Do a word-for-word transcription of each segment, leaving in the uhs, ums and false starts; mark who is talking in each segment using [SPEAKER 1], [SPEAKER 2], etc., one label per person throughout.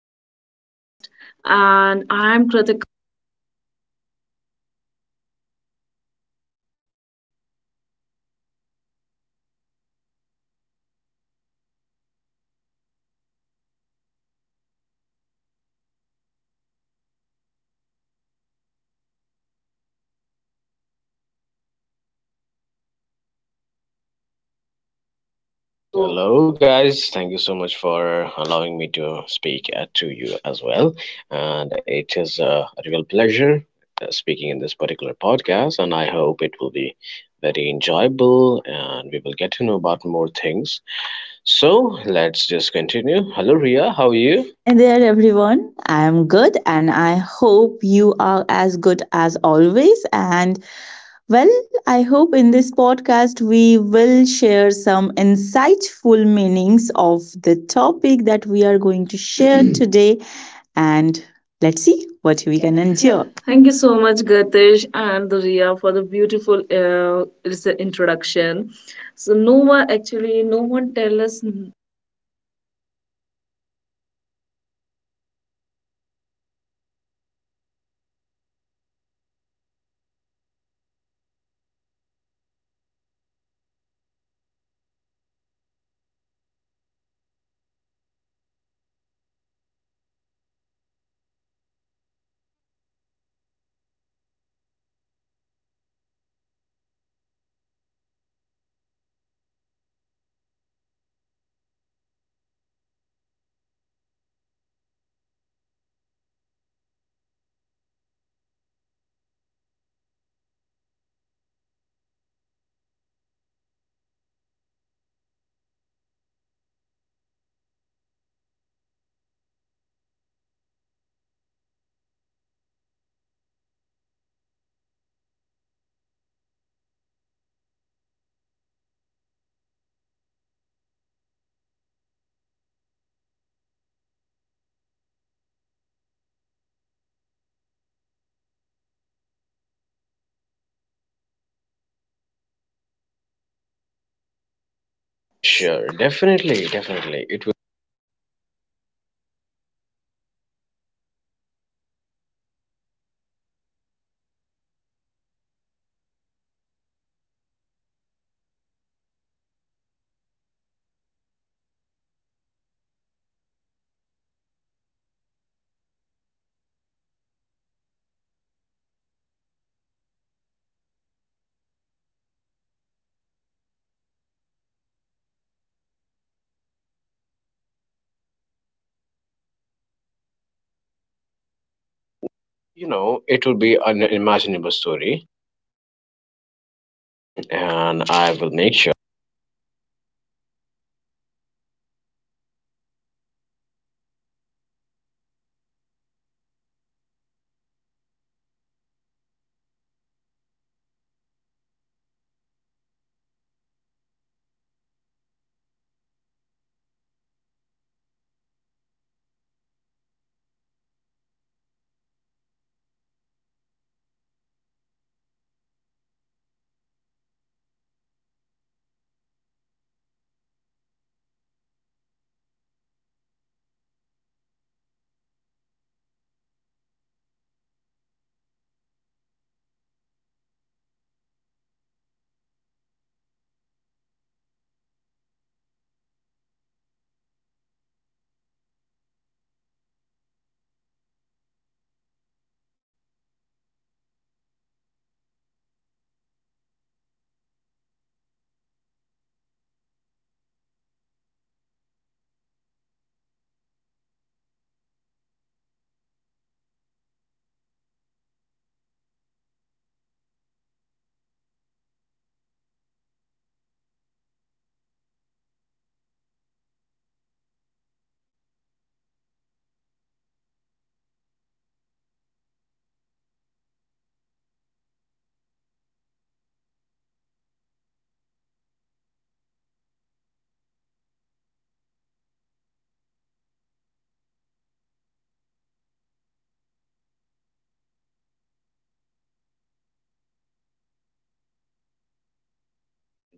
[SPEAKER 1] Welcome to our podcast. And I'm Kritika.
[SPEAKER 2] So, hello, guys. Thank you so much for allowing me to speak uh, to you as well. And it is uh, a real pleasure uh, speaking in this particular podcast. And I hope it will be very enjoyable and we will get to know about more things. So, let's just continue. Hello, Ria. How are you?
[SPEAKER 3] Hi there, everyone. I am good, and I hope you are as good as always. And well, I hope in this podcast we will share some insightful meanings of the topic that we are going to share today. And let's see what we
[SPEAKER 1] We
[SPEAKER 3] can
[SPEAKER 1] can
[SPEAKER 3] endure.
[SPEAKER 1] endure.
[SPEAKER 3] Thank you
[SPEAKER 1] Thank you
[SPEAKER 3] so
[SPEAKER 1] so
[SPEAKER 3] much.
[SPEAKER 1] much, Gatish and Riya, for the beautiful uh, is- introduction. So, no one actually, no one tell us.
[SPEAKER 2] Sure, definitely, definitely. It will, you know, it will be an imaginable story, and I will make sure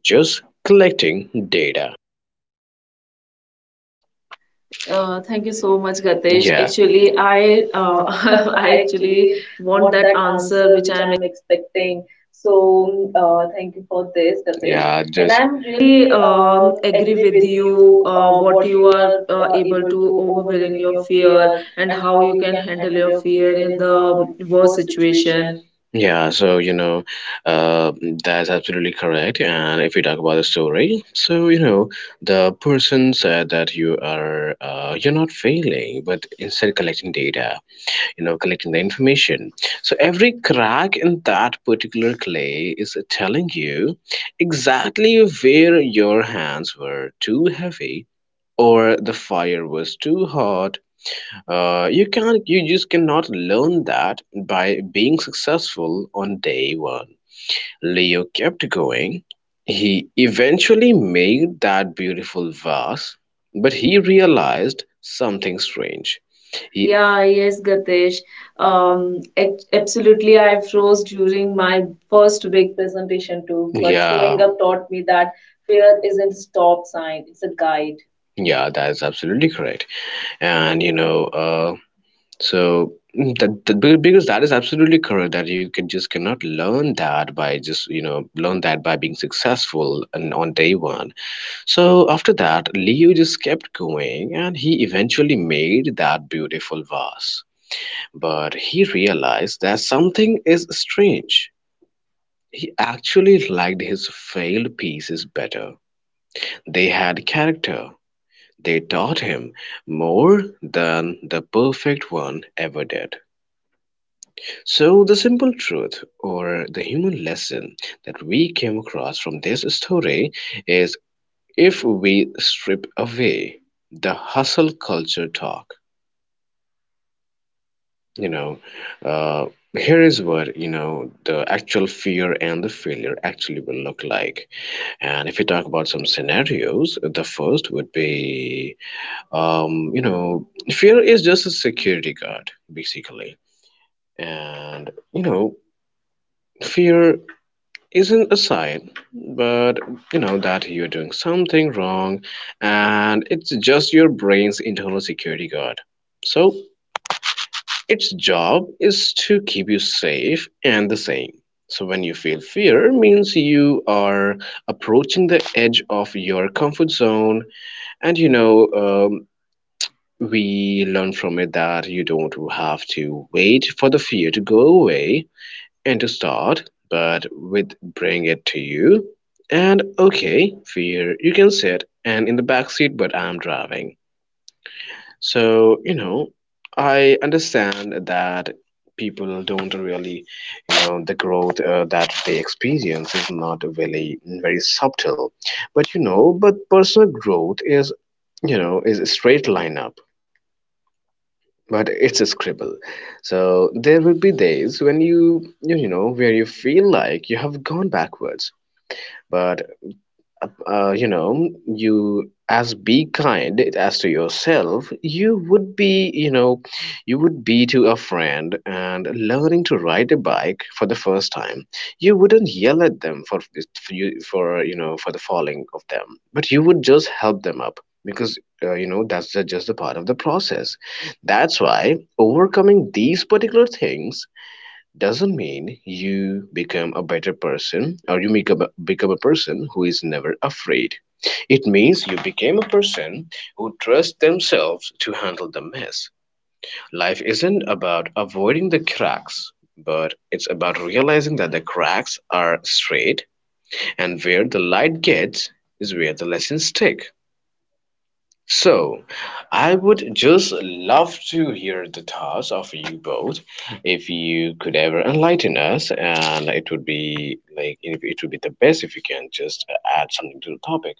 [SPEAKER 2] just collecting data.
[SPEAKER 1] Uh,
[SPEAKER 2] Uh, thank
[SPEAKER 1] thank you
[SPEAKER 2] you
[SPEAKER 1] so
[SPEAKER 2] so
[SPEAKER 1] much,
[SPEAKER 2] much, Gatesh.
[SPEAKER 1] Gatish.
[SPEAKER 2] Yeah.
[SPEAKER 1] Actually,
[SPEAKER 2] Actually,
[SPEAKER 1] I
[SPEAKER 2] I
[SPEAKER 1] uh,
[SPEAKER 2] uh,
[SPEAKER 1] I
[SPEAKER 2] I actually
[SPEAKER 1] actually want
[SPEAKER 2] want
[SPEAKER 1] that
[SPEAKER 2] that
[SPEAKER 1] answer
[SPEAKER 2] answer
[SPEAKER 1] which
[SPEAKER 2] which
[SPEAKER 1] I
[SPEAKER 2] I
[SPEAKER 1] am
[SPEAKER 2] am expecting. So uh, thank you for this, Gatesh. Yeah, and just I'm really
[SPEAKER 1] completely um,
[SPEAKER 2] um,
[SPEAKER 1] agree
[SPEAKER 2] agree
[SPEAKER 1] with
[SPEAKER 2] with
[SPEAKER 1] you
[SPEAKER 2] you
[SPEAKER 1] uh,
[SPEAKER 2] uh,
[SPEAKER 1] what
[SPEAKER 2] what you
[SPEAKER 1] you are
[SPEAKER 2] are
[SPEAKER 1] uh,
[SPEAKER 2] uh,
[SPEAKER 1] able
[SPEAKER 2] able
[SPEAKER 1] to
[SPEAKER 2] to
[SPEAKER 1] overwhelm
[SPEAKER 2] overwhelm
[SPEAKER 1] your
[SPEAKER 2] your
[SPEAKER 1] fear
[SPEAKER 2] fear
[SPEAKER 1] and
[SPEAKER 2] and
[SPEAKER 1] how
[SPEAKER 2] how
[SPEAKER 1] you
[SPEAKER 2] you
[SPEAKER 1] can
[SPEAKER 2] can
[SPEAKER 1] handle
[SPEAKER 2] handle
[SPEAKER 1] your
[SPEAKER 2] your
[SPEAKER 1] fear
[SPEAKER 2] fear
[SPEAKER 1] in
[SPEAKER 2] in
[SPEAKER 1] the
[SPEAKER 2] the
[SPEAKER 1] um, worst
[SPEAKER 2] worst
[SPEAKER 1] situation.
[SPEAKER 2] situation. Yeah, so you know, uh, that's absolutely correct. And if we talk about the story, so you know, the person said that you are uh, you're not failing, but instead collecting data, you know, collecting the information. So every crack in that particular clay is telling you exactly where your hands were too heavy, or the fire was too hot, uh, you can't, you just cannot learn that by being successful on day one. Leo kept going. He eventually made that beautiful vase, but he realized something strange. He
[SPEAKER 1] Yeah,
[SPEAKER 2] Yeah,
[SPEAKER 1] yes,
[SPEAKER 2] yes, Gadesh.
[SPEAKER 1] Gatesh. Um,
[SPEAKER 2] Um,
[SPEAKER 1] ac-
[SPEAKER 2] ac-
[SPEAKER 1] absolutely,
[SPEAKER 2] absolutely,
[SPEAKER 1] I
[SPEAKER 2] I
[SPEAKER 1] froze
[SPEAKER 2] froze
[SPEAKER 1] during
[SPEAKER 2] during my
[SPEAKER 1] my first
[SPEAKER 2] first
[SPEAKER 1] week.
[SPEAKER 2] big presentation too, but yeah, showing up taught me that fear isn't a stop sign, it's a guide. Yeah, that is absolutely correct. And you know, uh, so mm, that, that be- because that is absolutely correct that you can just cannot learn that by just you know learn that by being successful and on day one. So after that, Leo just kept going and he eventually made that beautiful vase. But he realized that something is strange. He actually liked his failed pieces better. They had character. They taught him more than the perfect one ever did. So, the simple truth or the human lesson that we came across from this story is, if we strip away the hustle culture talk, you know, uh, here is what, you know, the actual fear and the failure actually will look like. And if we talk about some scenarios, the first would be, um, you know, fear is just a security guard, basically. And, you know, fear isn't a sign, but you know that you're doing something wrong and it's just your brain's internal security guard. So, its job is to keep you safe and the same. So, when you feel fear, it means you are approaching the edge of your comfort zone, and you know, um, we learn from it that you don't have to wait for the fear to go away and to start, but with bring it to you. And okay, fear, you can sit and in the back seat, but I'm driving. So, you know, I understand that people don't really, you know, the growth uh, that they experience is not really mm, very subtle. But, you know, but personal growth is, you know, is a straight line up but it's a scribble, so there will be days when you you you know where you feel like you have gone backwards, but uh, you know, you as be kind as to yourself you would be, you know, you would be to a friend. And learning to ride a bike for the first time, you wouldn't yell at them for for you for you know for the falling of them, but you would just help them up because uh, you know, that's the, just a part of the process. That's why overcoming these particular things doesn't mean you become a better person or you become a, become a person who is never afraid. It means you became a person who trusts themselves to handle the mess. Life isn't about avoiding the cracks, but it's about realizing that the cracks are straight and where the light gets is where the lessons stick. So, I would just love to hear the thoughts of you both. If you could ever enlighten us, and it would be like it it would be the best if you can just uh, add something to the topic.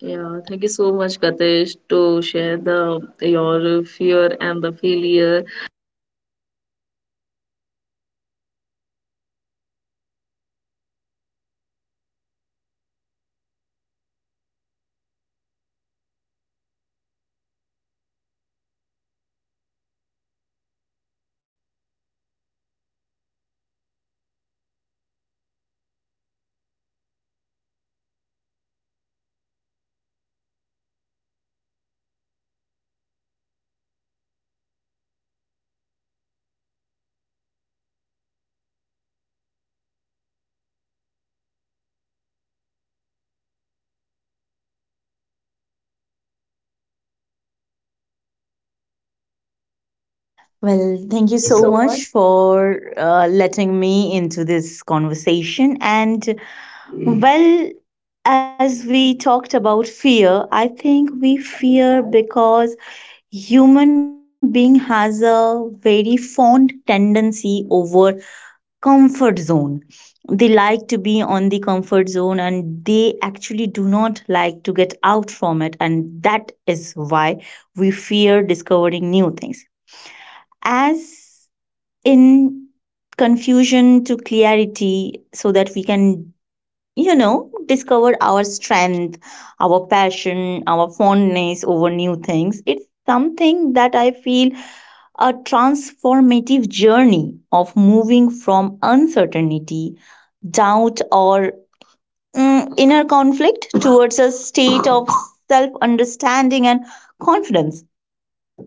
[SPEAKER 1] Yeah, thank you so much, Gatesh, to share the your fear and the failure.
[SPEAKER 3] Well, thank you so much for uh, letting me into this conversation. And well, as we talked about fear, I think we fear because human being has a very fond tendency over comfort zone. They like to be on the comfort zone and they actually do not like to get out from it, and that is why we fear discovering new things. As in confusion to clarity so that we can, you know, discover our strength, our passion, our fondness over new things. It's something that I feel a transformative journey of moving from uncertainty, doubt, or mm, inner conflict towards a state of self understanding and confidence.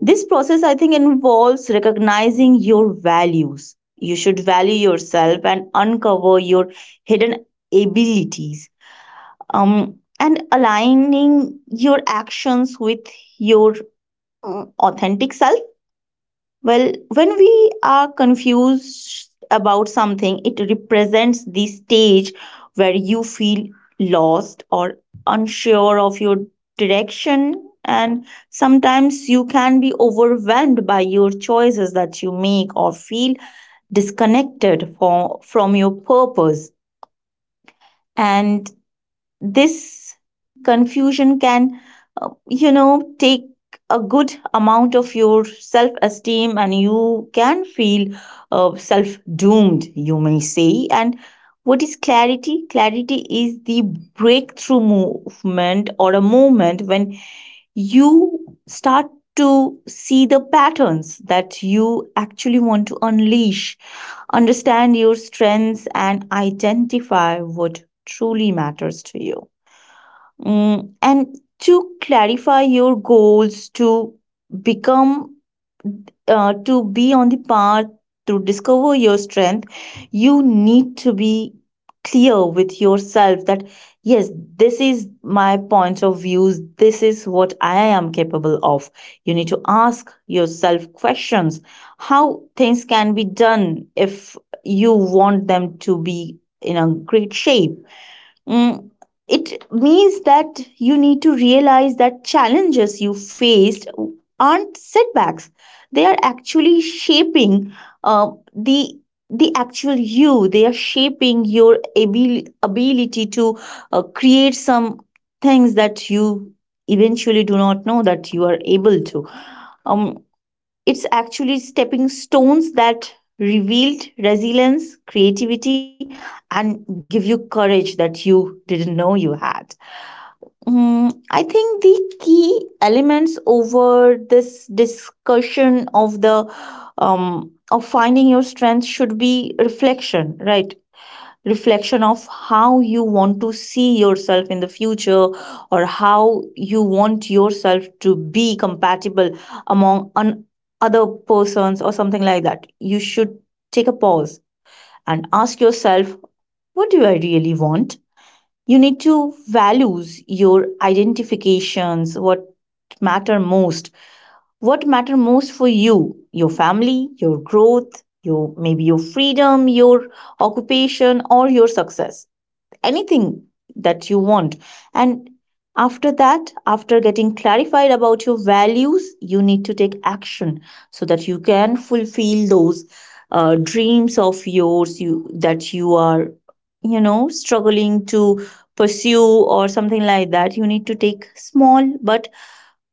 [SPEAKER 3] This process, I think, involves recognizing your values. You should value yourself and uncover your hidden abilities, um, and aligning your actions with your uh, authentic self. Well, when we are confused about something, it represents the stage where you feel lost or unsure of your direction. And sometimes you can be overwhelmed by your choices that you make or feel disconnected for, from your purpose. And this confusion can, uh, you know, take a good amount of your self esteem, and you can feel uh, self doomed, you may say. And what is clarity? Clarity is the breakthrough movement or a moment when you start to see the patterns that you actually want to unleash, understand your strengths, and identify what truly matters to you. Mm, and to clarify your goals, to become uh, to be on the path to discover your strength, you need to be clear with yourself that yes, this is my point of views, this is what I am capable of. You need to ask yourself questions how things can be done if you want them to be in a great shape. Mm, it means that you need to realize that challenges you faced aren't setbacks. They are actually shaping uh, the the actual you. They are shaping your abil- ability to uh, create some things that you eventually do not know that you are able to. Um, it's actually stepping stones that revealed resilience, creativity, and give you courage that you didn't know you had. Mm, I think the key elements over this discussion of the um, of finding your strength should be reflection, right? Reflection of how you want to see yourself in the future, or how you want yourself to be compatible among an other persons or something like that. You should take a pause and ask yourself, what do I really want? You need to values your identifications, what matter most, what matter most for you. Your family, your growth, your maybe your freedom, your occupation or your success, anything that you want. And after that, after getting clarified about your values, you need to take action so that you can fulfill those uh, dreams of yours, you, that you are, you know, struggling to pursue or something like that. You need to take small but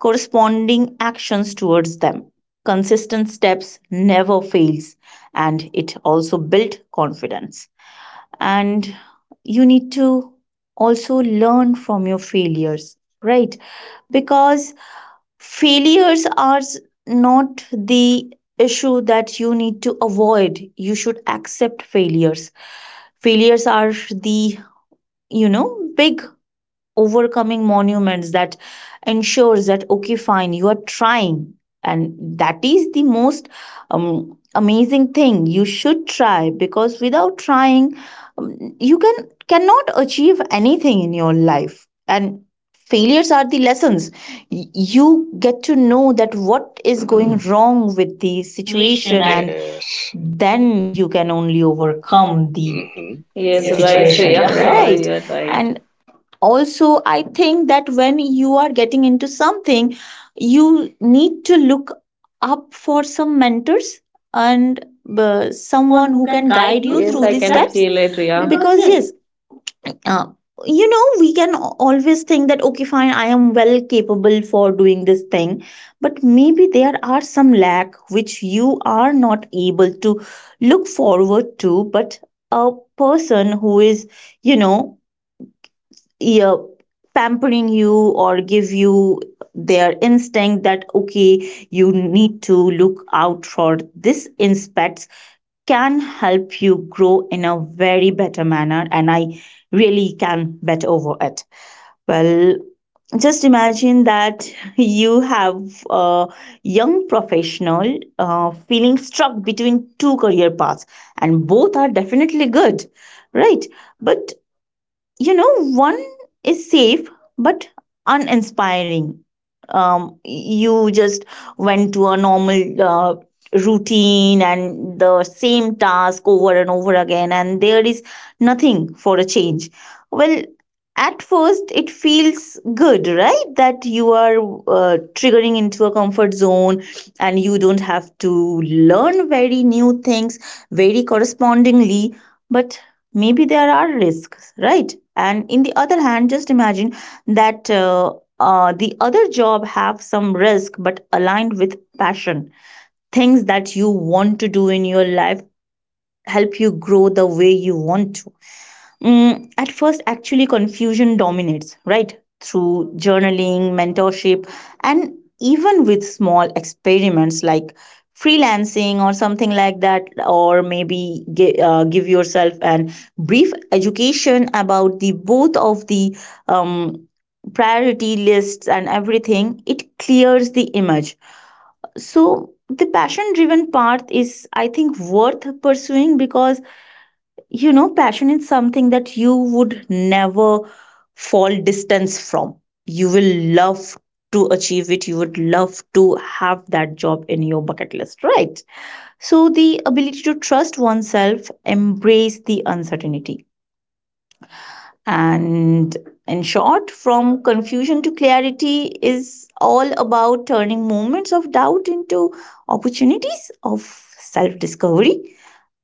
[SPEAKER 3] corresponding actions towards them. Consistent steps never fails, and it also builds confidence. And you need to also learn from your failures, right? Because failures are s- not the issue that you need to avoid. You should accept failures. Failures are the, you know, big overcoming monuments that ensures that okay fine, you are trying, and that is the most um, amazing thing you should try. Because without trying, um, you can cannot achieve anything in your life. And failures are the lessons. Y- you get to know that what is going wrong with
[SPEAKER 2] The
[SPEAKER 3] the
[SPEAKER 2] situation
[SPEAKER 3] situation,
[SPEAKER 2] and
[SPEAKER 3] and
[SPEAKER 2] yes.
[SPEAKER 3] then you can only
[SPEAKER 2] Only
[SPEAKER 3] overcome
[SPEAKER 2] overcome the
[SPEAKER 3] the
[SPEAKER 2] mm-hmm. Yes,
[SPEAKER 3] Yes,
[SPEAKER 2] yeah,
[SPEAKER 3] right.
[SPEAKER 2] that's
[SPEAKER 1] Yes, right,
[SPEAKER 2] situation. Right,
[SPEAKER 3] situation.
[SPEAKER 1] situation,
[SPEAKER 2] correct.
[SPEAKER 3] Yes,
[SPEAKER 1] Shreya. Right?
[SPEAKER 3] right.
[SPEAKER 1] You're right. And
[SPEAKER 3] And also, I think that when you are getting into something, you need to look up for some mentors, and uh,
[SPEAKER 1] someone
[SPEAKER 3] someone
[SPEAKER 1] who
[SPEAKER 3] who
[SPEAKER 1] can
[SPEAKER 3] can
[SPEAKER 1] guide
[SPEAKER 3] guide
[SPEAKER 1] you,
[SPEAKER 3] you Yes,
[SPEAKER 1] yes,
[SPEAKER 3] through
[SPEAKER 1] through I the
[SPEAKER 3] these
[SPEAKER 1] can steps.
[SPEAKER 3] steps.
[SPEAKER 1] Feel it, Riya.
[SPEAKER 3] Yeah,
[SPEAKER 1] Because
[SPEAKER 3] because
[SPEAKER 1] yes,
[SPEAKER 3] yes, uh, you know, we can al- always think that okay fine, I am well capable for doing this thing, but maybe there are some lack which you are not able to look forward to. But a person who is, you know, yeah, pampering you or give you their instinct that okay, you need to look out for this inspects, can help you grow in a very better manner, and I really can bet over it. Well, just imagine that you have a young professional uh, feeling stuck between two career paths, and both are definitely good, right? But, you know, one is safe but uninspiring. Um you just went to a normal uh, routine and the same task over and over again, and there is nothing for a change. Well, at first it feels good, right? That you are uh, triggering into a comfort zone, and you don't have to learn very new things very correspondingly. But maybe there are risks, right? And in the other hand, just imagine that uh, uh, the other job have some risk but aligned with passion, things that you want to do in your life, help you grow the way you want to. Mm, at first, actually, confusion dominates, right? Through journaling, mentorship, and even with small experiments like freelancing or something like that, or maybe gi- uh, give yourself an brief education about the both of the um, priority lists and everything, it clears the image. So, the passion driven path is, I think, worth pursuing because, you know, passion is something that you would never fall distance from. You will love to achieve it. You would love to have that job in your bucket list, right? So, the ability to trust oneself, embrace the uncertainty. And in short, from confusion to clarity is all about turning moments of doubt into opportunities of self discovery,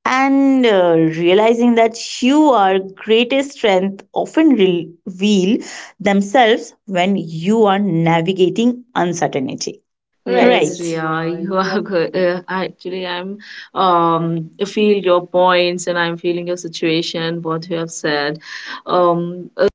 [SPEAKER 3] and uh, realizing that your greatest strength often reveal themselves when you are navigating uncertainty.
[SPEAKER 1] right.
[SPEAKER 3] Right.
[SPEAKER 1] Yes,
[SPEAKER 3] Yes,
[SPEAKER 1] yeah,
[SPEAKER 3] yeah.
[SPEAKER 1] you
[SPEAKER 3] you
[SPEAKER 1] are good. Uh, actually, I'm um I feel your points and I'm feeling your situation, what you have said. Um, uh,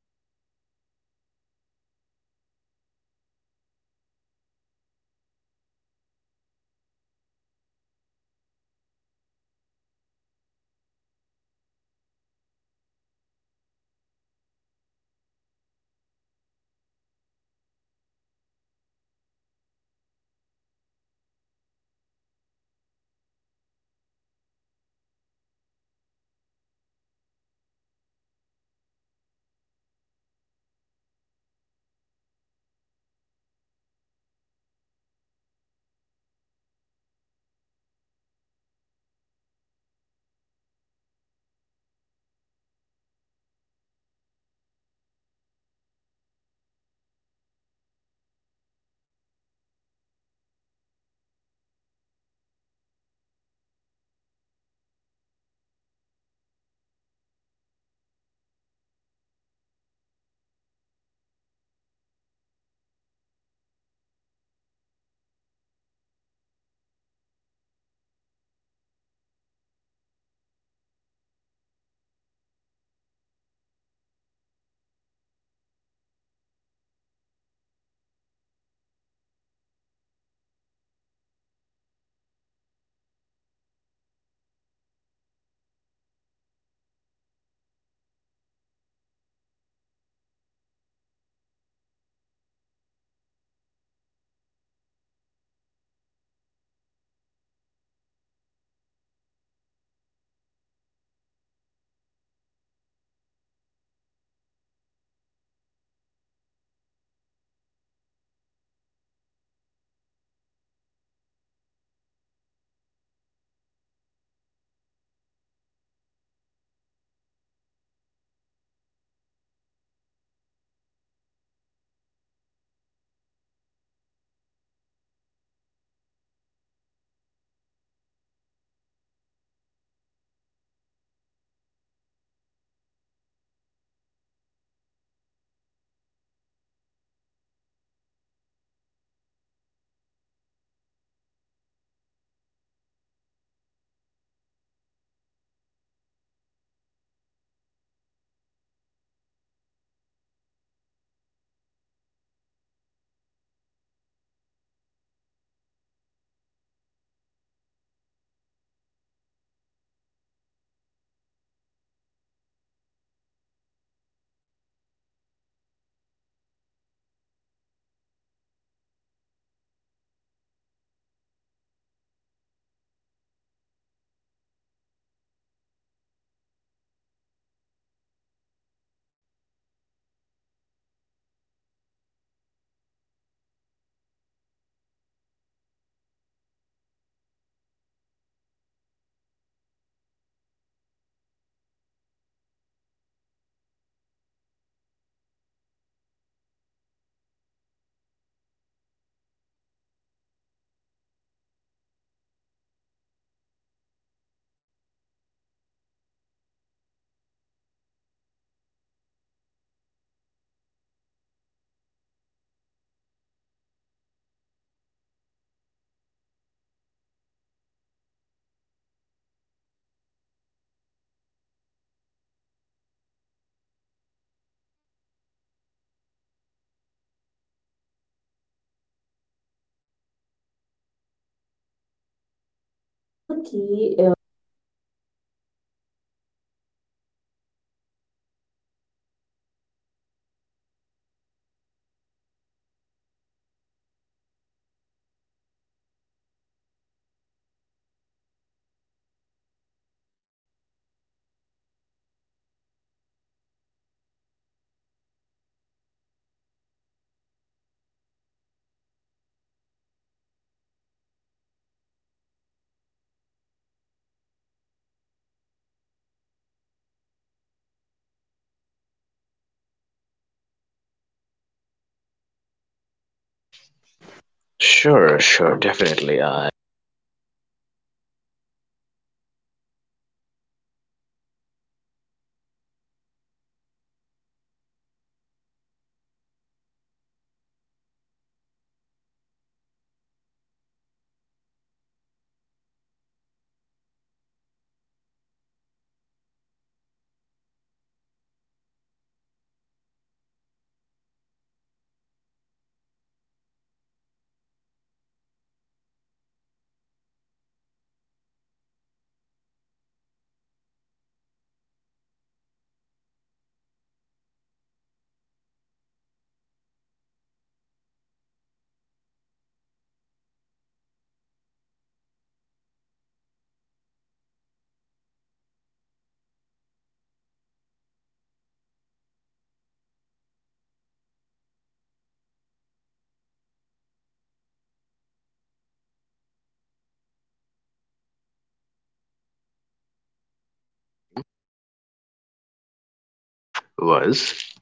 [SPEAKER 3] So the key, uh,
[SPEAKER 2] Sure, sure, definitely. I was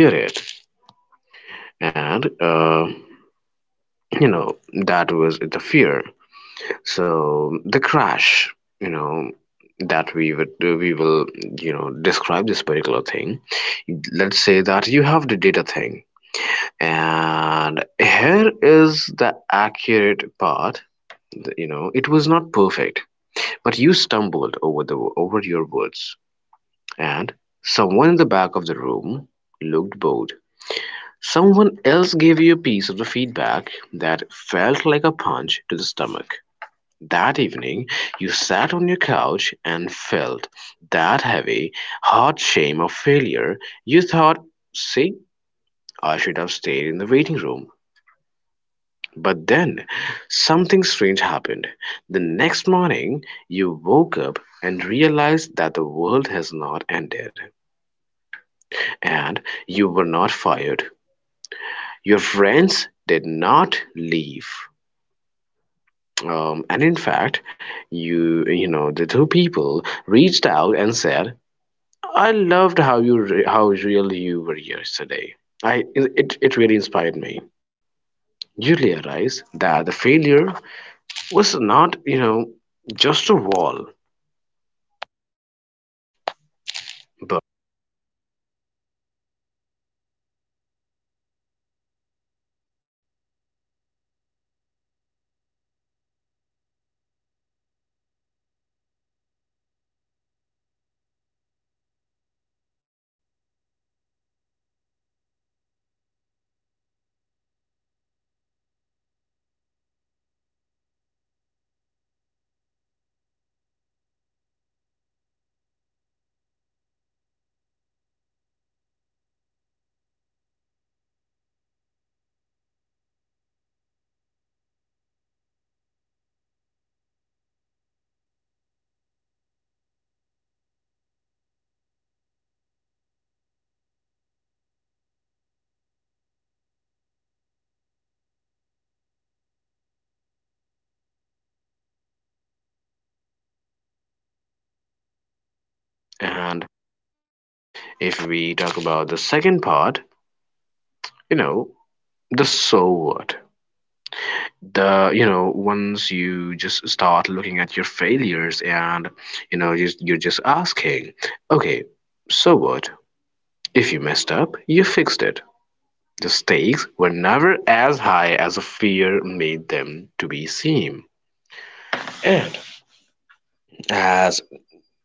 [SPEAKER 2] hear it, and uh, you know, that was the fear. So the crash, you know, that we would uh, we will, you know, describe this particular thing. Let's say that you have the data thing, and here is the accurate part. You know, it was not perfect, but you stumbled over the over your words, and someone in the back of the room looked bored. Someone else gave you a piece of the feedback that felt like a punch to the stomach. That evening, you sat on your couch and felt that heavy, hot shame of failure. You thought, see, I should have stayed in the waiting room. But then, something strange happened. The next morning, you woke up and realized that the world has not ended, and you were not fired. Your friends did not leave. Um, and in fact, you you know the two people reached out and said, I loved how you re- how real you were yesterday. I it it really inspired me. You realize that the failure was not, you know, just a wall, but, and if we talk about the second part, you know, the so what, the you know, once you just start looking at your failures and, you know, just you're just asking, okay, so what if you messed up, you fixed it. The stakes were never as high as a fear made them to be seem. And as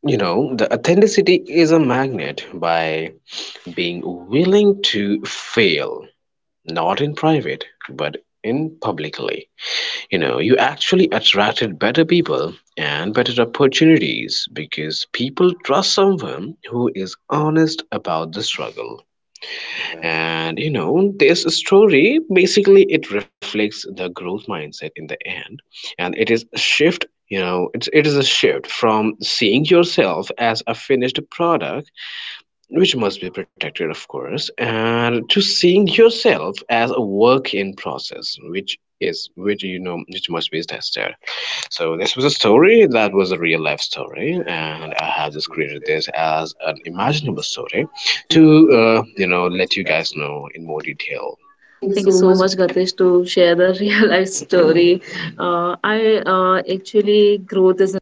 [SPEAKER 2] you know, the authenticity is a magnet by being willing to fail, not in private, but in publicly. You know, you actually attracted better people and better opportunities because people trust someone who is honest about the struggle. And you know, this story basically, it reflects the growth mindset in the end, and it is a shift, you know, it's it is a shift from seeing yourself as a finished product, which must be protected, of course, and to seeing yourself as a work in process, which is which you know which must be tested. So this was a story that was a real life story, and I have just created this as an imaginable story to uh, you know, let you guys know in more detail.
[SPEAKER 3] thank you
[SPEAKER 1] thank you
[SPEAKER 3] so
[SPEAKER 1] so
[SPEAKER 3] much.
[SPEAKER 1] much, Gatish, to share the real life story. Uh, I uh, actually growth is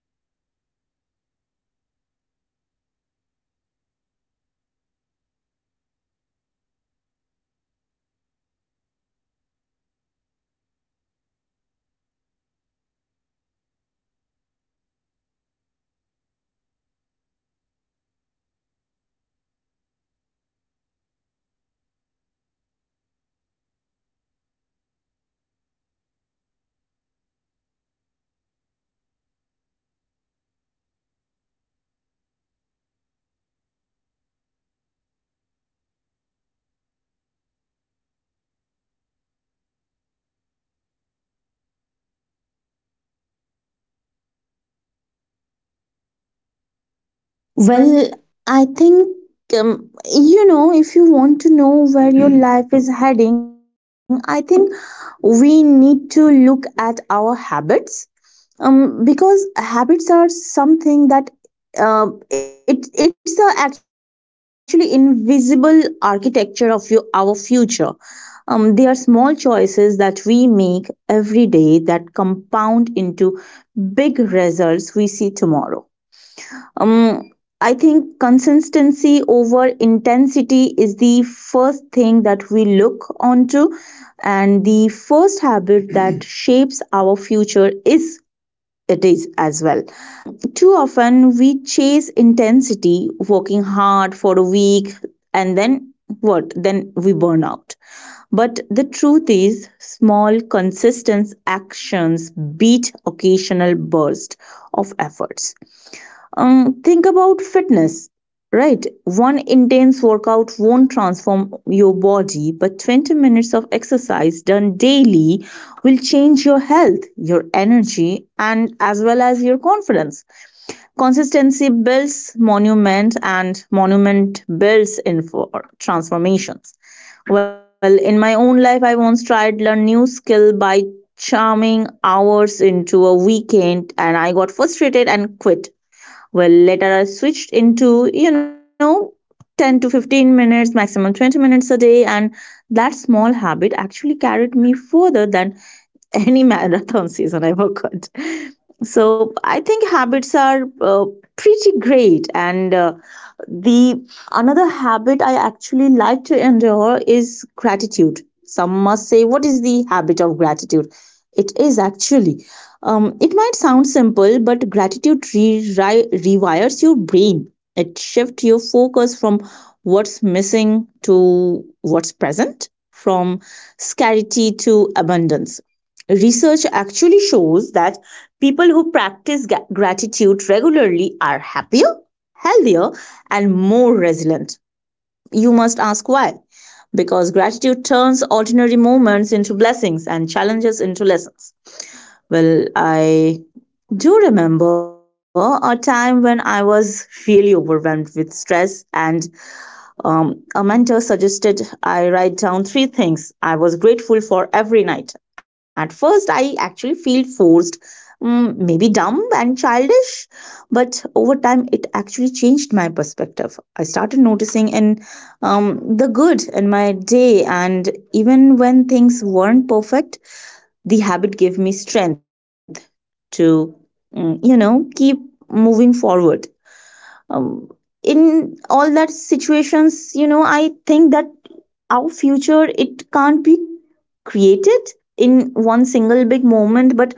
[SPEAKER 1] well,
[SPEAKER 3] Well, I think, um, you know, if you want to know where your life is heading, I think we need to look at our habits. Um, because habits are something that uh, it, it's the actually invisible architecture of your, our future. Um, they are small choices that we make every day that compound into big results we see tomorrow. Um, I think consistency over intensity is the first thing that we look onto, and the first habit that shapes our future is it is as well. Um, too often we chase intensity, working hard for a week, and then what? Then we burn out. But the truth is, small, consistent actions beat occasional bursts of efforts. Um, think about fitness, right? One intense workout won't transform your body, but twenty minutes of exercise done daily will change your health, your energy, and as well as your confidence. Consistency builds monument, and monument builds in for transformations. Well, in my own life, I once tried learn new skill by charming hours into a weekend, and I got frustrated and quit. Well, later I switched into, you know, ten to fifteen minutes maximum twenty minutes a day, and that small habit actually carried me further than any marathon season I worked. So I think habits are, uh, pretty great. And uh, the another habit I actually like to endure is gratitude. Some must say what is the habit of gratitude? It is actually, um, it might sound simple, but gratitude re- ri- rewires your brain. It shifts your focus from what's missing to what's present, from scarcity to abundance. Research actually shows that people who practice ga- gratitude regularly are happier, healthier, and more resilient. You must ask why. Because gratitude turns ordinary moments into blessings and challenges into lessons. Well, I do remember a time when I was really overwhelmed with stress, and um, a mentor suggested I write down three things I was grateful for every night. At first, I actually feel forced, mm, maybe dumb and childish, but over time, it actually changed my perspective. I started noticing in um, the good in my day, and even when things weren't perfect, the habit gave me strength to, mm, you know, keep moving forward. Um, in all that situations, you know, I think that our future it can't be created in one single big moment, but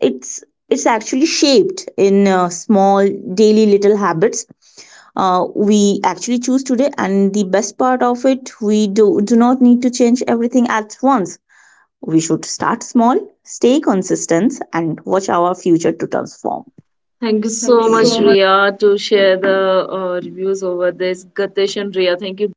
[SPEAKER 3] it's it's actually shaped in uh, small daily little habits uh, we actually choose today. And the best part of it, we do do not need to change everything at once. We should start small, stay consistent, and watch our future to transform.
[SPEAKER 1] thank you
[SPEAKER 3] Thank you
[SPEAKER 1] so much,
[SPEAKER 3] so.
[SPEAKER 1] Ria, to share the uh, reviews over this. Gatesh and Ria, thank you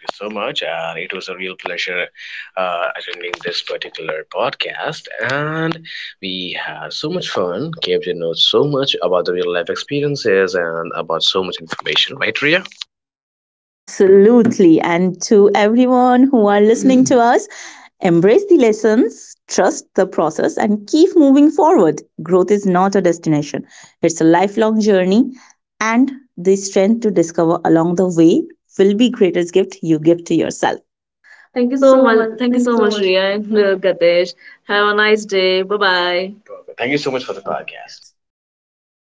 [SPEAKER 2] You so much. And it was a real pleasure uh, attending this particular podcast. And we had so much fun, came to know so much about the real life experiences and about so much information, right, Ria?
[SPEAKER 3] Absolutely. And to everyone who are listening to us, embrace the lessons, trust the process, and keep moving forward. Growth is not a destination, it's a lifelong journey. And the strength to discover along the way will be greatest gift you give to yourself. Thank you
[SPEAKER 1] so
[SPEAKER 3] so
[SPEAKER 1] much.
[SPEAKER 3] much.
[SPEAKER 1] Thank you
[SPEAKER 3] Thank you
[SPEAKER 1] so
[SPEAKER 3] so
[SPEAKER 1] much,
[SPEAKER 3] much.
[SPEAKER 1] Ria and uh, Gatesh. Have a nice day. Bye bye.
[SPEAKER 2] Perfect. Thank you so much for the podcast.
[SPEAKER 3] Good day.